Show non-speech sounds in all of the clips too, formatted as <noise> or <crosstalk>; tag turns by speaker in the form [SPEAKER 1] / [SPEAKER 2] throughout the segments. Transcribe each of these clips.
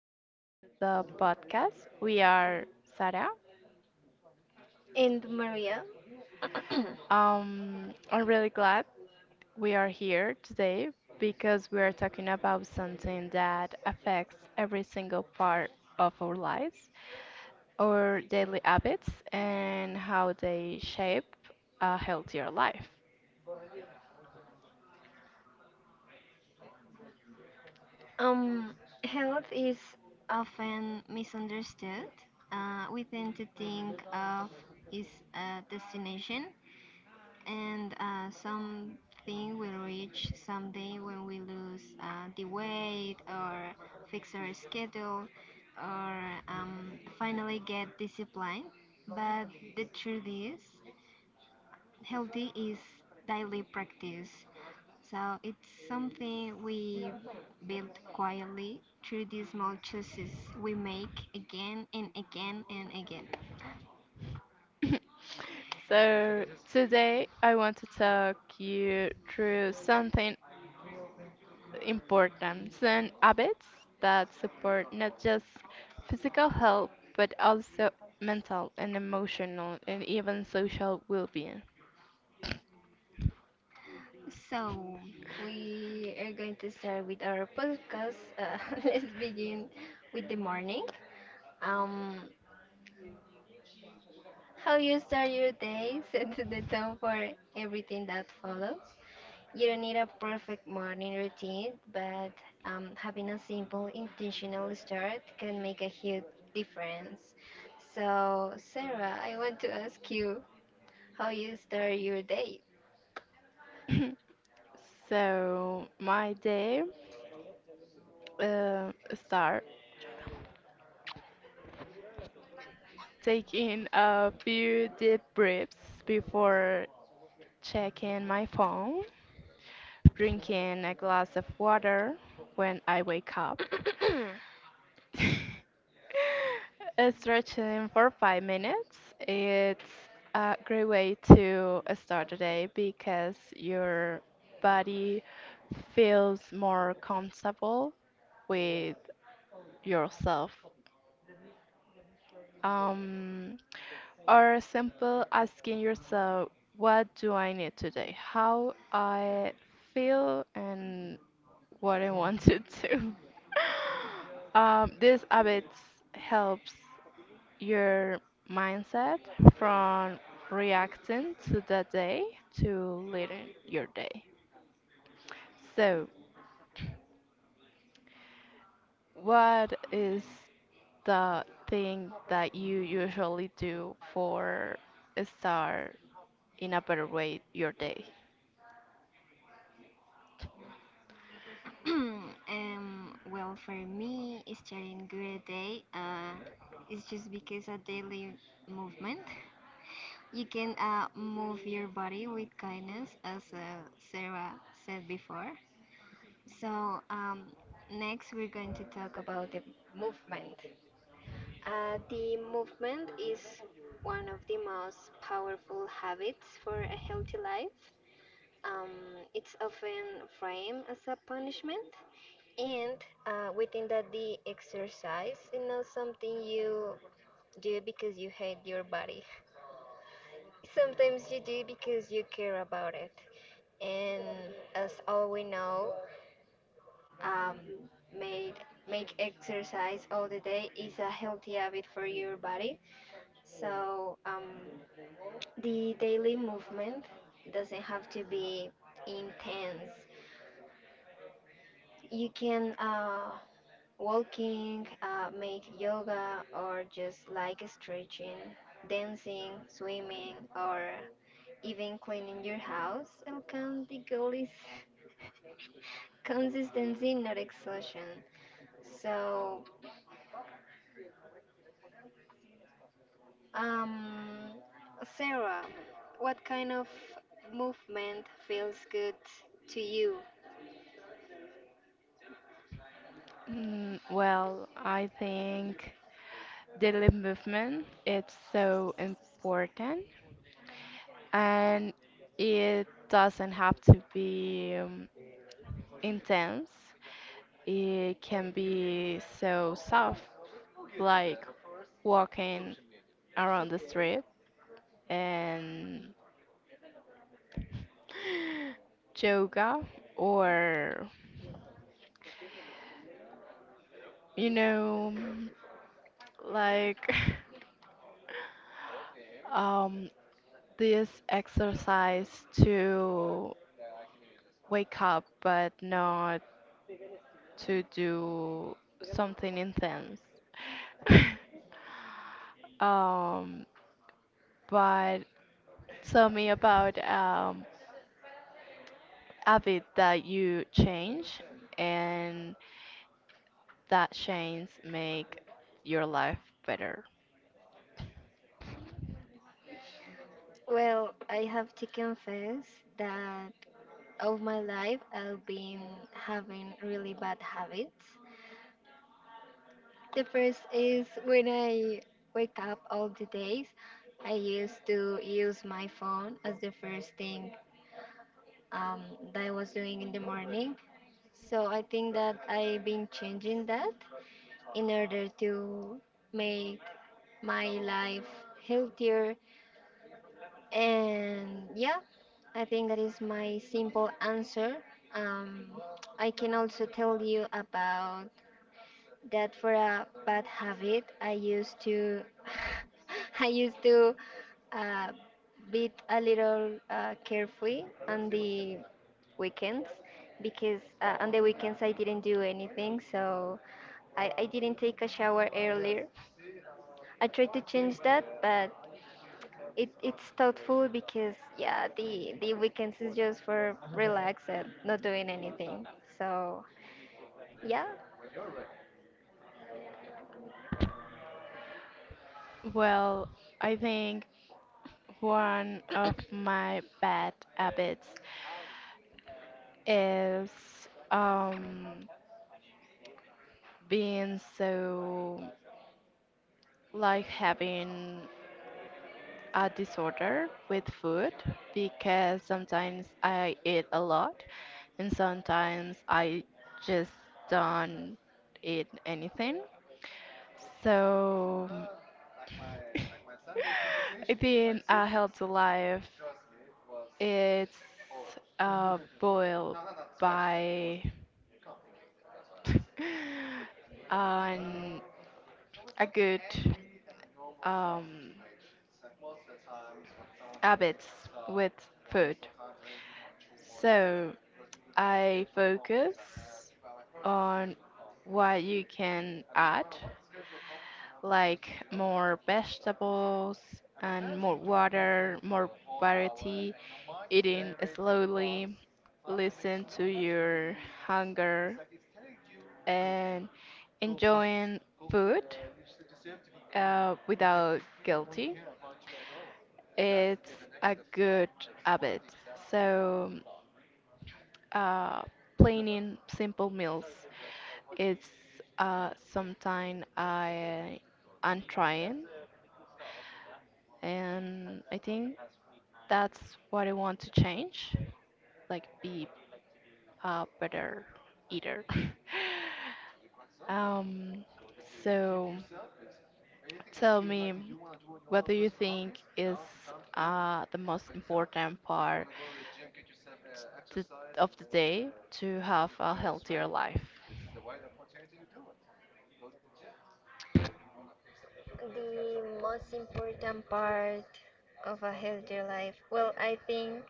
[SPEAKER 1] back to the podcast. We are Sara.
[SPEAKER 2] And Maria, <coughs> <clears throat>
[SPEAKER 1] I'm really glad we are here today because we are talking about something that affects every single part of our lives, our daily habits, and how they shape a healthier life.
[SPEAKER 2] um, health is often misunderstood. We tend to think of is a destination and something we reach someday when we lose the weight or fix our schedule or um, finally get disciplined. But the truth is, healthy is daily practice. So it's something we build quietly through the small choices we make again and again and again.
[SPEAKER 1] <laughs> So today I want to talk you through something importance and habits that support not just physical health but also mental and emotional and even social well-being.
[SPEAKER 2] So we are going to start with our podcast. <laughs> Let's begin with the morning. Um, how you start your day <laughs> sets the tone for everything that follows. You don't need a perfect morning routine, but having a simple, intentional start can make a huge difference. So, Sarah, I want to ask you how you start your day.
[SPEAKER 1] <clears throat> So my day uh, start taking a few deep breaths before checking my phone, drinking a glass of water when I wake up. <laughs> Stretching for 5 minutes, it's a great way to start the day because your body feels more comfortable with yourself. Um, or simple asking yourself, what do I need today? How I feel and what I want to do. <laughs> These habits helps your mindset from reacting to the day to leading your day. So, what is the thing that you usually do for start in a better way your day?
[SPEAKER 2] <clears throat> Well, for me, starting good day is just because a daily movement. You can move your body with kindness, as Sarah said before. So, next we're going to talk about the movement. The movement is one of the most powerful habits for a healthy life. Um, it's often framed as a punishment, and we think that the exercise is not something you do because you hate your body. <laughs> Sometimes you do because you care about it. And as all we know, um, made make exercise all the day is a healthy habit for your body. So the daily movement doesn't have to be intense. You can walking, make yoga, or just like stretching, dancing, swimming, or even cleaning your house. It will count. The goal is <laughs> consistency, not exhaustion. So Um, Sarah, what kind of movement feels good to you?
[SPEAKER 1] Mm, well, I think daily movement it's so important and it doesn't have to be intense, it can be so soft, like walking around the street and <gasps> yoga or you know like <laughs> um this exercise to wake up but not to do something intense. <laughs> um but tell me about habit that you change and that change make your life better?
[SPEAKER 2] Well, I have to confess that all my life I've been having really bad habits. The first is when I wake up all the days, I used to use my phone as the first thing um, that I was doing in the morning. So I think that I've been changing that in order to make my life healthier. And yeah, I think that is my simple answer. Um, I can also tell you about that for a bad habit. <laughs> I used to uh, be a little carefree on the weekends because on the weekends I didn't do anything, so I didn't take a shower earlier. I tried to change that, but it's thoughtful because yeah, the weekends is just for relax and not doing anything. So yeah,
[SPEAKER 1] Well, I think one of my bad habits is um, being so like having a disorder with food because sometimes I eat a lot and sometimes I just don't eat anything. So <laughs> it being a healthy life, it's boiled by <laughs> on a good um, habits with food. So I focus on what you can add, like more vegetables and more water, more variety, eating slowly, listen to your hunger, and enjoying food without guilty. It's a good habit. So, uh, planning simple meals. It's something I am trying, and I think that's what I want to change. Like, be a better eater. <laughs> um, so tell me, what do you think is the most important part t- of the day to have a healthier life?
[SPEAKER 2] the most important part of a healthier life. Well, I think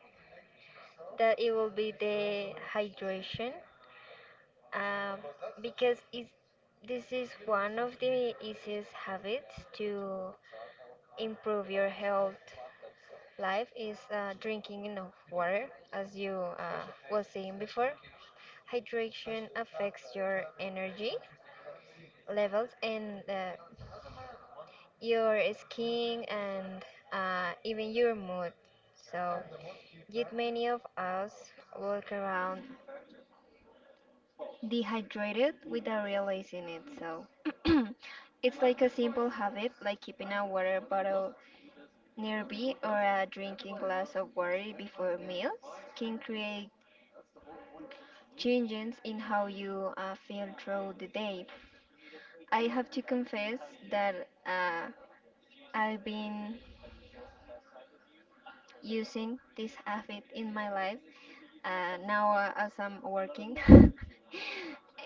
[SPEAKER 2] that it will be the hydration, um, because this is one of the easiest habits to improve your health life is drinking enough water, as you was saying before. Hydration affects your energy levels and your skin and even your mood. So, yet many of us walk around dehydrated without realizing it. So, <clears throat> it's like a simple habit, like keeping a water bottle nearby or a drinking glass of water before meals, can create changes in how you feel throughout the day. I have to confess that uh, I've been using this habit in my life now as I'm working. <laughs>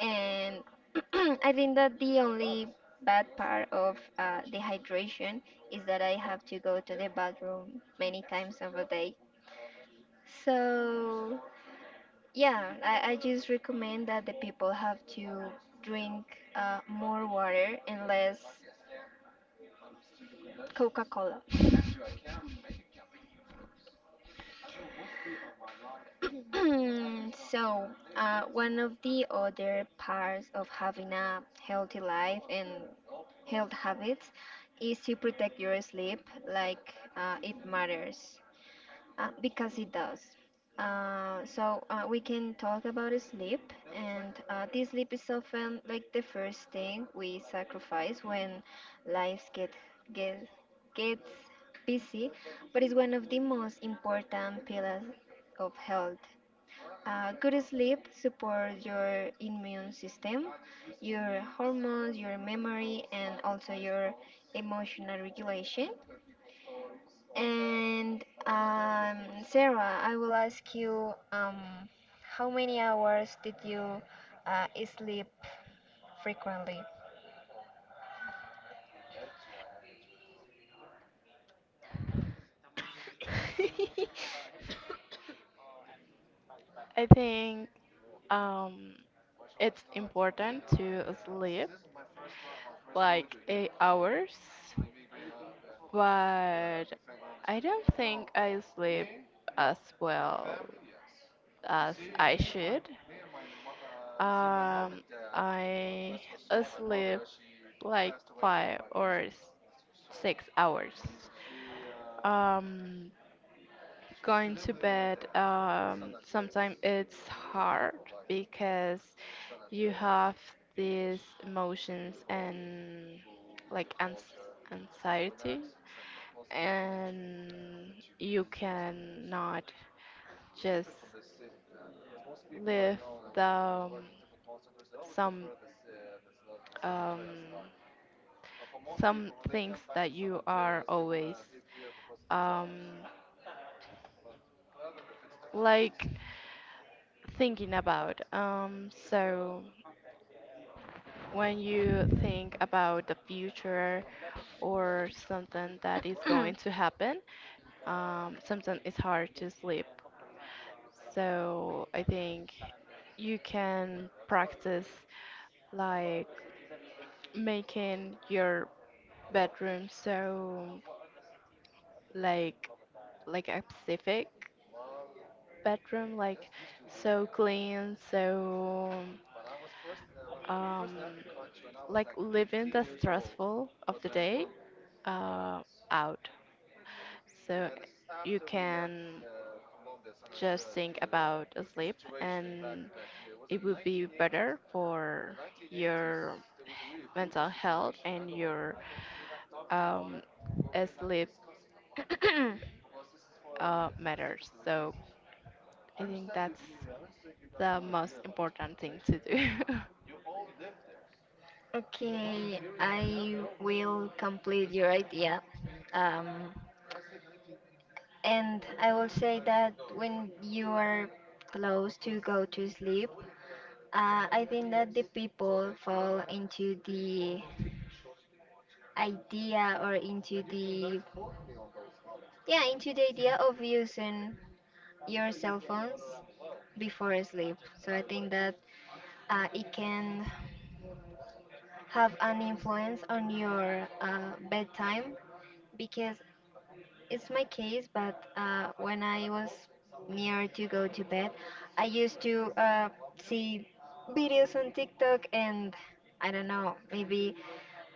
[SPEAKER 2] and <clears throat> I think that the only bad part of dehydration is that I have to go to the bathroom many times of a day. So, yeah, I just recommend that the people have to drink more water and less Coca Cola. <clears throat> so, one of the other parts of having a healthy life and health habits is to protect your sleep like it matters because it does. So we can talk about sleep, and this sleep is often like the first thing we sacrifice when lives get gets busy, but it's one of the most important pillars of health. Good sleep supports your immune system, your hormones, your memory, and also your emotional regulation. And Sarah, I will ask you how many hours did you uh, sleep frequently?
[SPEAKER 1] I think um, it's important to sleep like 8 hours, but I don't think I sleep as well as I should. Um, I sleep like five or s- 6 hours. Um, Going to bed, sometimes it's hard because you have these emotions and like ans anxiety, and you cannot just live the some um, some things that you are always um, like thinking about. So when you think about the future or something that is going to happen, sometimes it's hard to sleep. So I think you can practice like making your bedroom so like like a Pacific. Bedroom like so clean, so um, like living the stressful of the day uh, out. So you can just think about sleep and it would be better for your mental health and your um, sleep matters. So I think that's the most important thing to do. <laughs>
[SPEAKER 2] Okay, I will complete your idea. Um, and I will say that when you are close to go to sleep, I think that the people fall into the idea or into the idea of using your cell phones before sleep. So I think that it can have an influence on your bedtime because it's my case, but when I was near to go to bed, I used to see videos on TikTok, and I don't know, maybe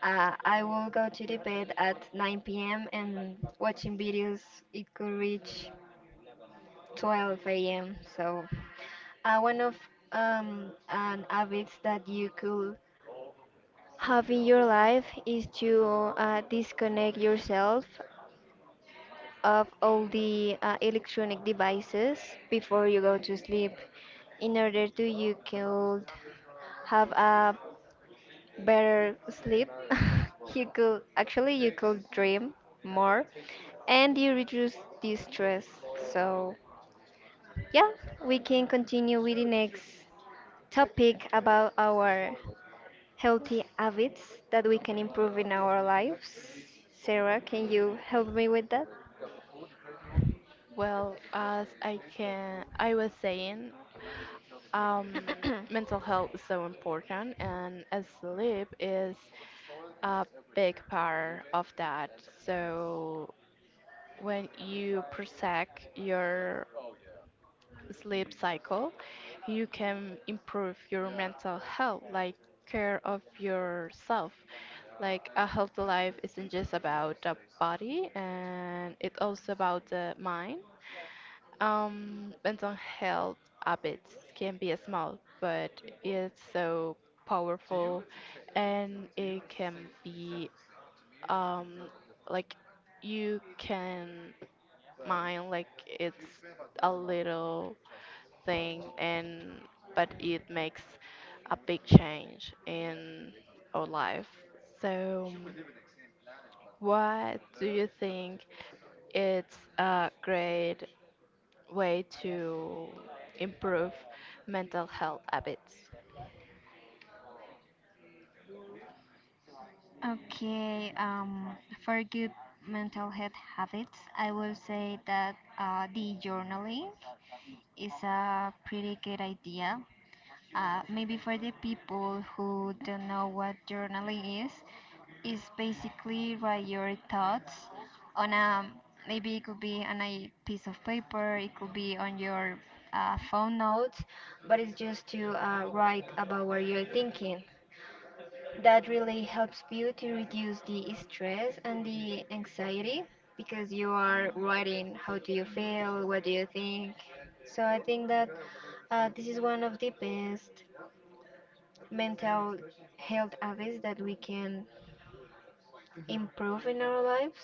[SPEAKER 2] I will go to the bed at 9 p.m. and watching videos, it could reach 12 a.m. So, one of an habits that you could have in your life is to disconnect yourself of all the electronic devices before you go to sleep in order to you could have a better sleep <laughs> you could actually you could dream more and you reduce the stress. So yeah, we can continue with the next topic about our healthy habits that we can improve in our lives. Sarah, can you help me with that?
[SPEAKER 1] Well, I was saying, um, mental health is so important, and sleep is a big part of that. So when you protect your sleep cycle, you can improve your mental health, like care of yourself. Like a healthy life isn't just about the body, and it's also about the mind. Mental health habits can be small, but it's so powerful, and it can be um, like you can mine like it's a little thing and but it makes a big change in our life. So what do you think it's a great way to improve mental health habits?
[SPEAKER 2] Okay, for good mental health habits, I will say that the journaling is a pretty good idea. Maybe for the people who don't know what journaling is basically write your thoughts on a maybe it could be on a piece of paper, it could be on your phone notes, but it's just to write about what you're thinking that really helps you to reduce the stress and the anxiety because you are writing how do you feel, what do you think. So I think that this is one of the best mental health habits that we can improve in our lives.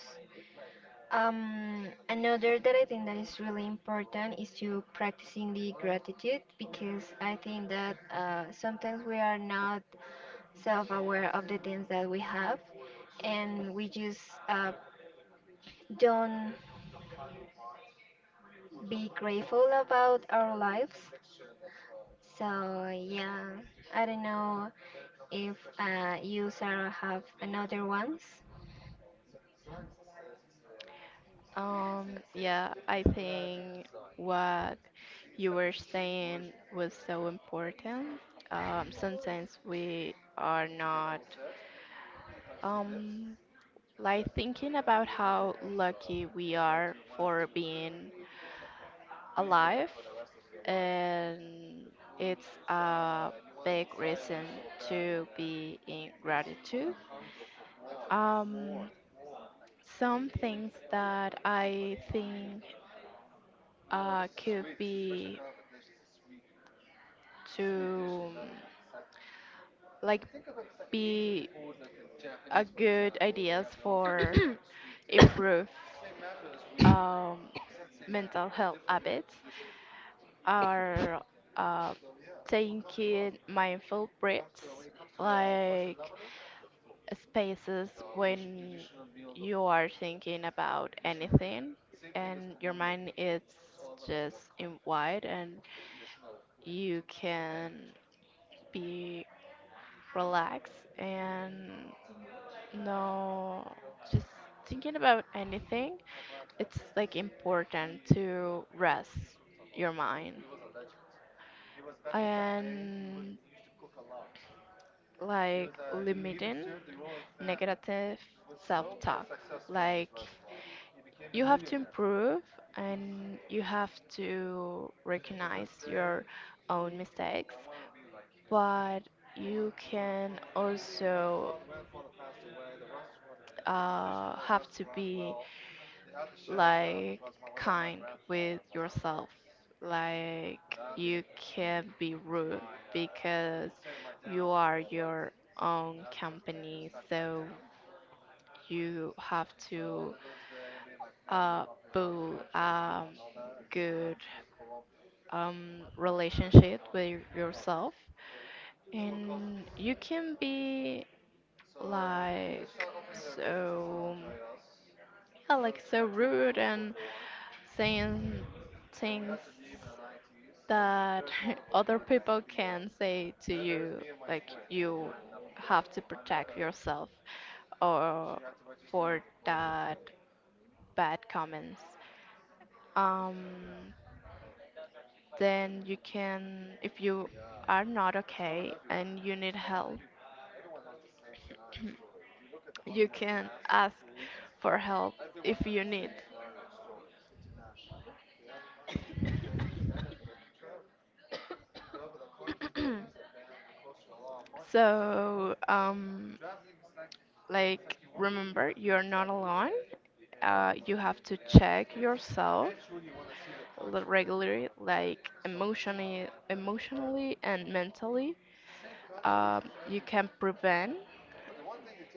[SPEAKER 2] Um, another that I think that is really important is to practicing the gratitude because I think that sometimes we are not self-aware of the things that we have, and we just uh, don't be grateful about our lives. So yeah, I don't know if you, Sarah, have another ones.
[SPEAKER 1] Yeah, I think what you were saying was so important. Sometimes we are not um, like thinking about how lucky we are for being alive, and it's a big reason to be in gratitude. Um, some things that I think could be to like be a good ideas for improve um, mental health habits are uh, taking mindful breaths like spaces when you are thinking about anything and your mind is just in wide and you can be relaxed and no just thinking about anything. It's like important to rest your mind and like limiting negative self-talk. Like you have to improve and you have to recognize your own mistakes, but you can also have to be like kind with yourself. Like you can be rude because you are your own company, so you have to uh, build a good relationship with yourself. And you can be like so yeah, like so rude and saying things that <laughs> other people can say to you, like you have to protect yourself or for that bad comments. Um, then you can, if you are not okay and you need help, you can ask for help if you need. So, like, remember, you're not alone. You have to check yourself regularly, like emotionally, emotionally and mentally. Um, you can prevent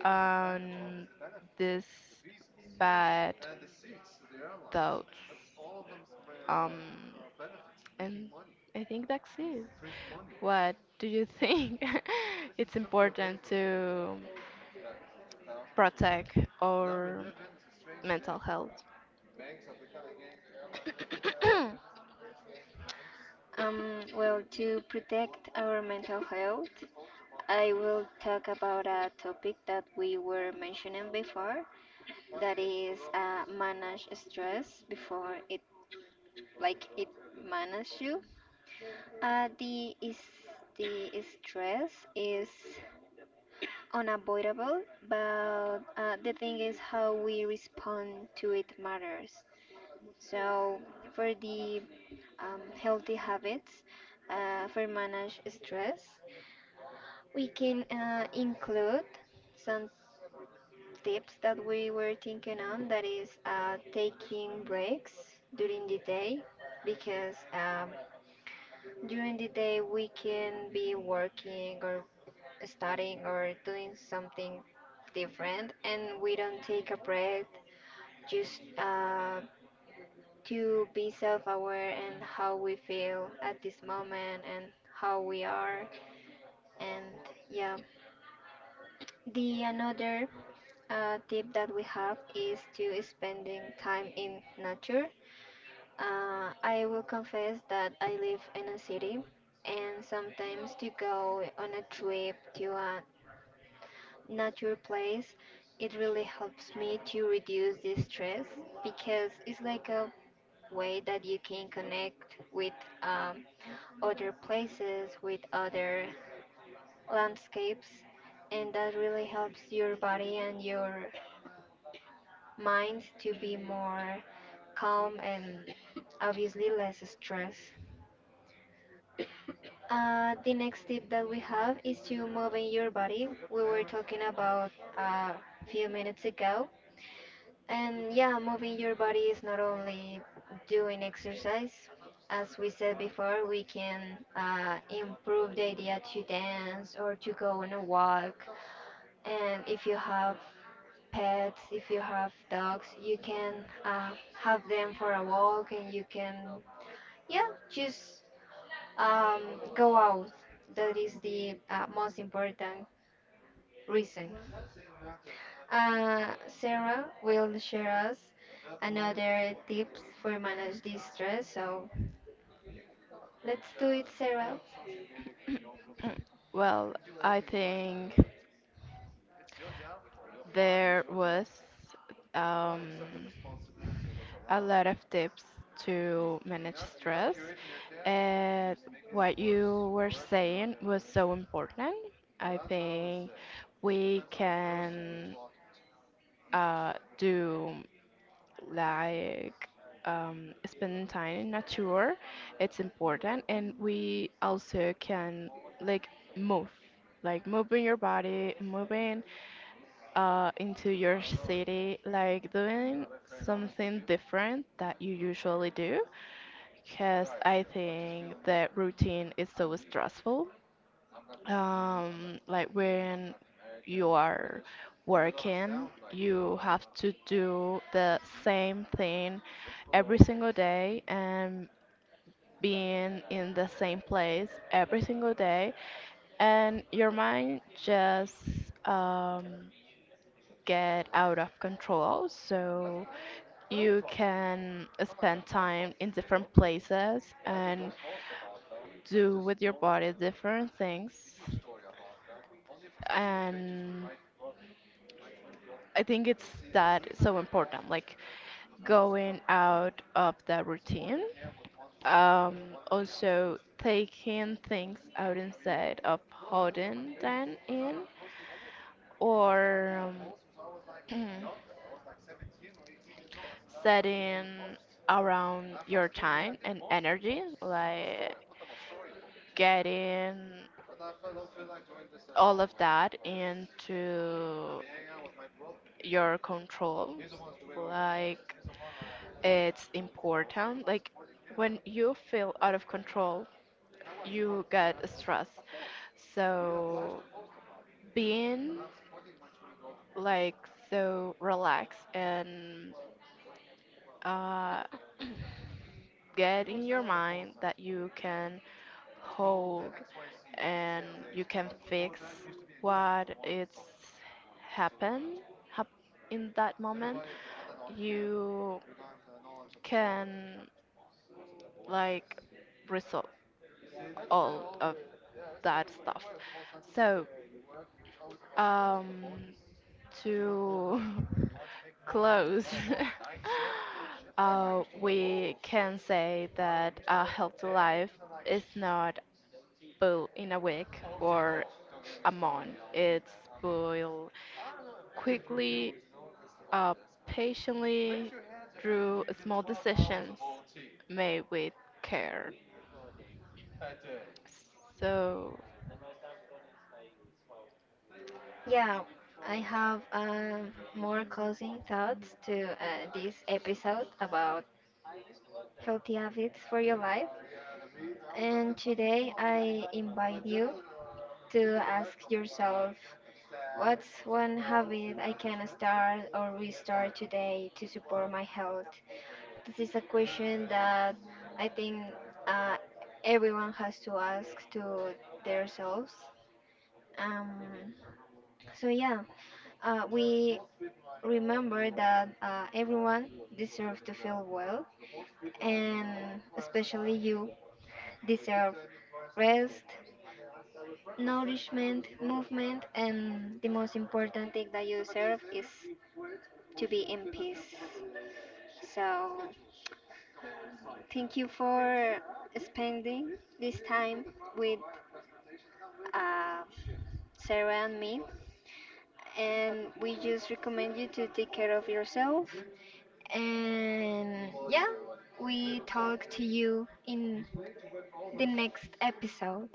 [SPEAKER 1] um, this bad thoughts. Um, and I think that's it. What do you think <laughs> it's important to protect our mental health?
[SPEAKER 2] Well, to protect our mental health, I will talk about a topic that we were mentioning before, that is manage stress before it, like it manage you. Uh, the is the stress is unavoidable, but the thing is how we respond to it matters. So for the healthy habits for manage stress, we can include some tips that we were thinking on. That is taking breaks during the day because during the day we can be working or studying or doing something different and we don't take a break just to be self aware and how we feel at this moment and how we are and yeah the another tip that we have is to spending time in nature. I will confess that I live in a city and sometimes to go on a trip to a nature place, it really helps me to reduce the stress because it's like a way that you can connect with um, other places, with other landscapes, and that really helps your body and your mind to be more calm and obviously less stress. The next tip that we have is to move in your body. We were talking about a few minutes ago. And yeah, moving your body is not only doing exercise. As we said before, we can improve the idea to dance or to go on a walk. And if you have pets, if you have dogs, you can have them for a walk and you can, yeah, just um, go out. That is the most important reason. Sarah will share us another tips for manage this stress. So let's do it, Sarah.
[SPEAKER 1] Well, I think there was um, a lot of tips to manage stress. And what you were saying was so important. I think we can do like spending time in nature it's important and we also can like move like moving your body moving into your city like doing something different that you usually do because I think that routine is so stressful. Like when you are working, you have to do the same thing every single day and being in the same place every single day, and your mind just um, get out of control. So you can spend time in different places and do with your body different things. And I think it's that so important, like going out of the routine. Um, also taking things out inside of holding them in or um, <clears throat> setting around your time and energy, like getting all of that into your control. Like, it's important. Like, when you feel out of control, you get stressed. So, being like so relax and uh, get in your mind that you can hold and you can fix what it's happened hap- in that moment you can like resolve all of that stuff. So um to <laughs> Close. <laughs> We can say that a healthy life is not built in a week or a month. It's built quickly, uh, patiently, through small decisions made with care. So,
[SPEAKER 2] Yeah, I have more closing thoughts to this episode about healthy habits for your life. And today I invite you to ask yourself, what's one habit I can start or restart today to support my health? This is a question that I think uh, everyone has to ask to themselves. Um, so yeah, we remember that everyone deserves to feel well, and especially you deserve rest, nourishment, movement, and the most important thing that you deserve is to be in peace. So. Thank you for spending this time with uh, Sarah and me. And we just recommend you to take care of yourself. And yeah, we talk to you in the next episode.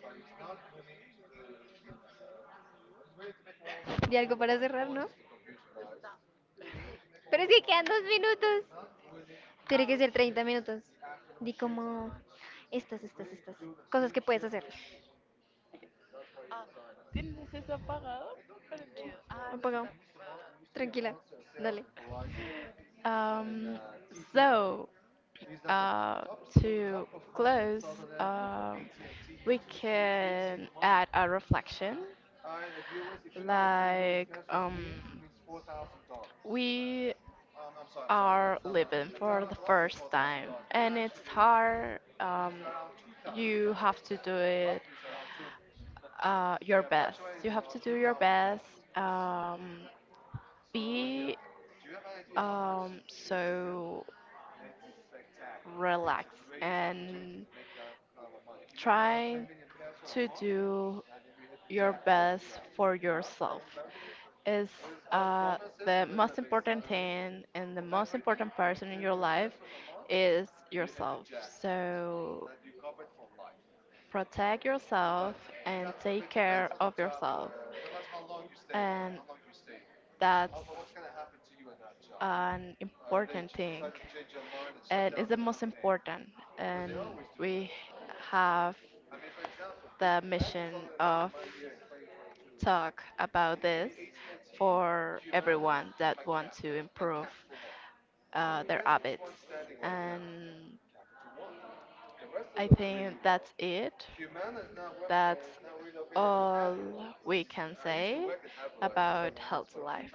[SPEAKER 1] um, so uh, to close, um, we can add a reflection like we are living for the first time and it's hard. You have to do it you have to do your best. um, be so relaxed and try to do your best for yourself is uh, the most important thing, and the most important person in your life is yourself. So protect yourself and take care of yourself. And that's an important thing. And it's the most important. And we have the mission of talk about this for everyone that want to improve their habits. And I think that's it. That's all we can say about healthy life.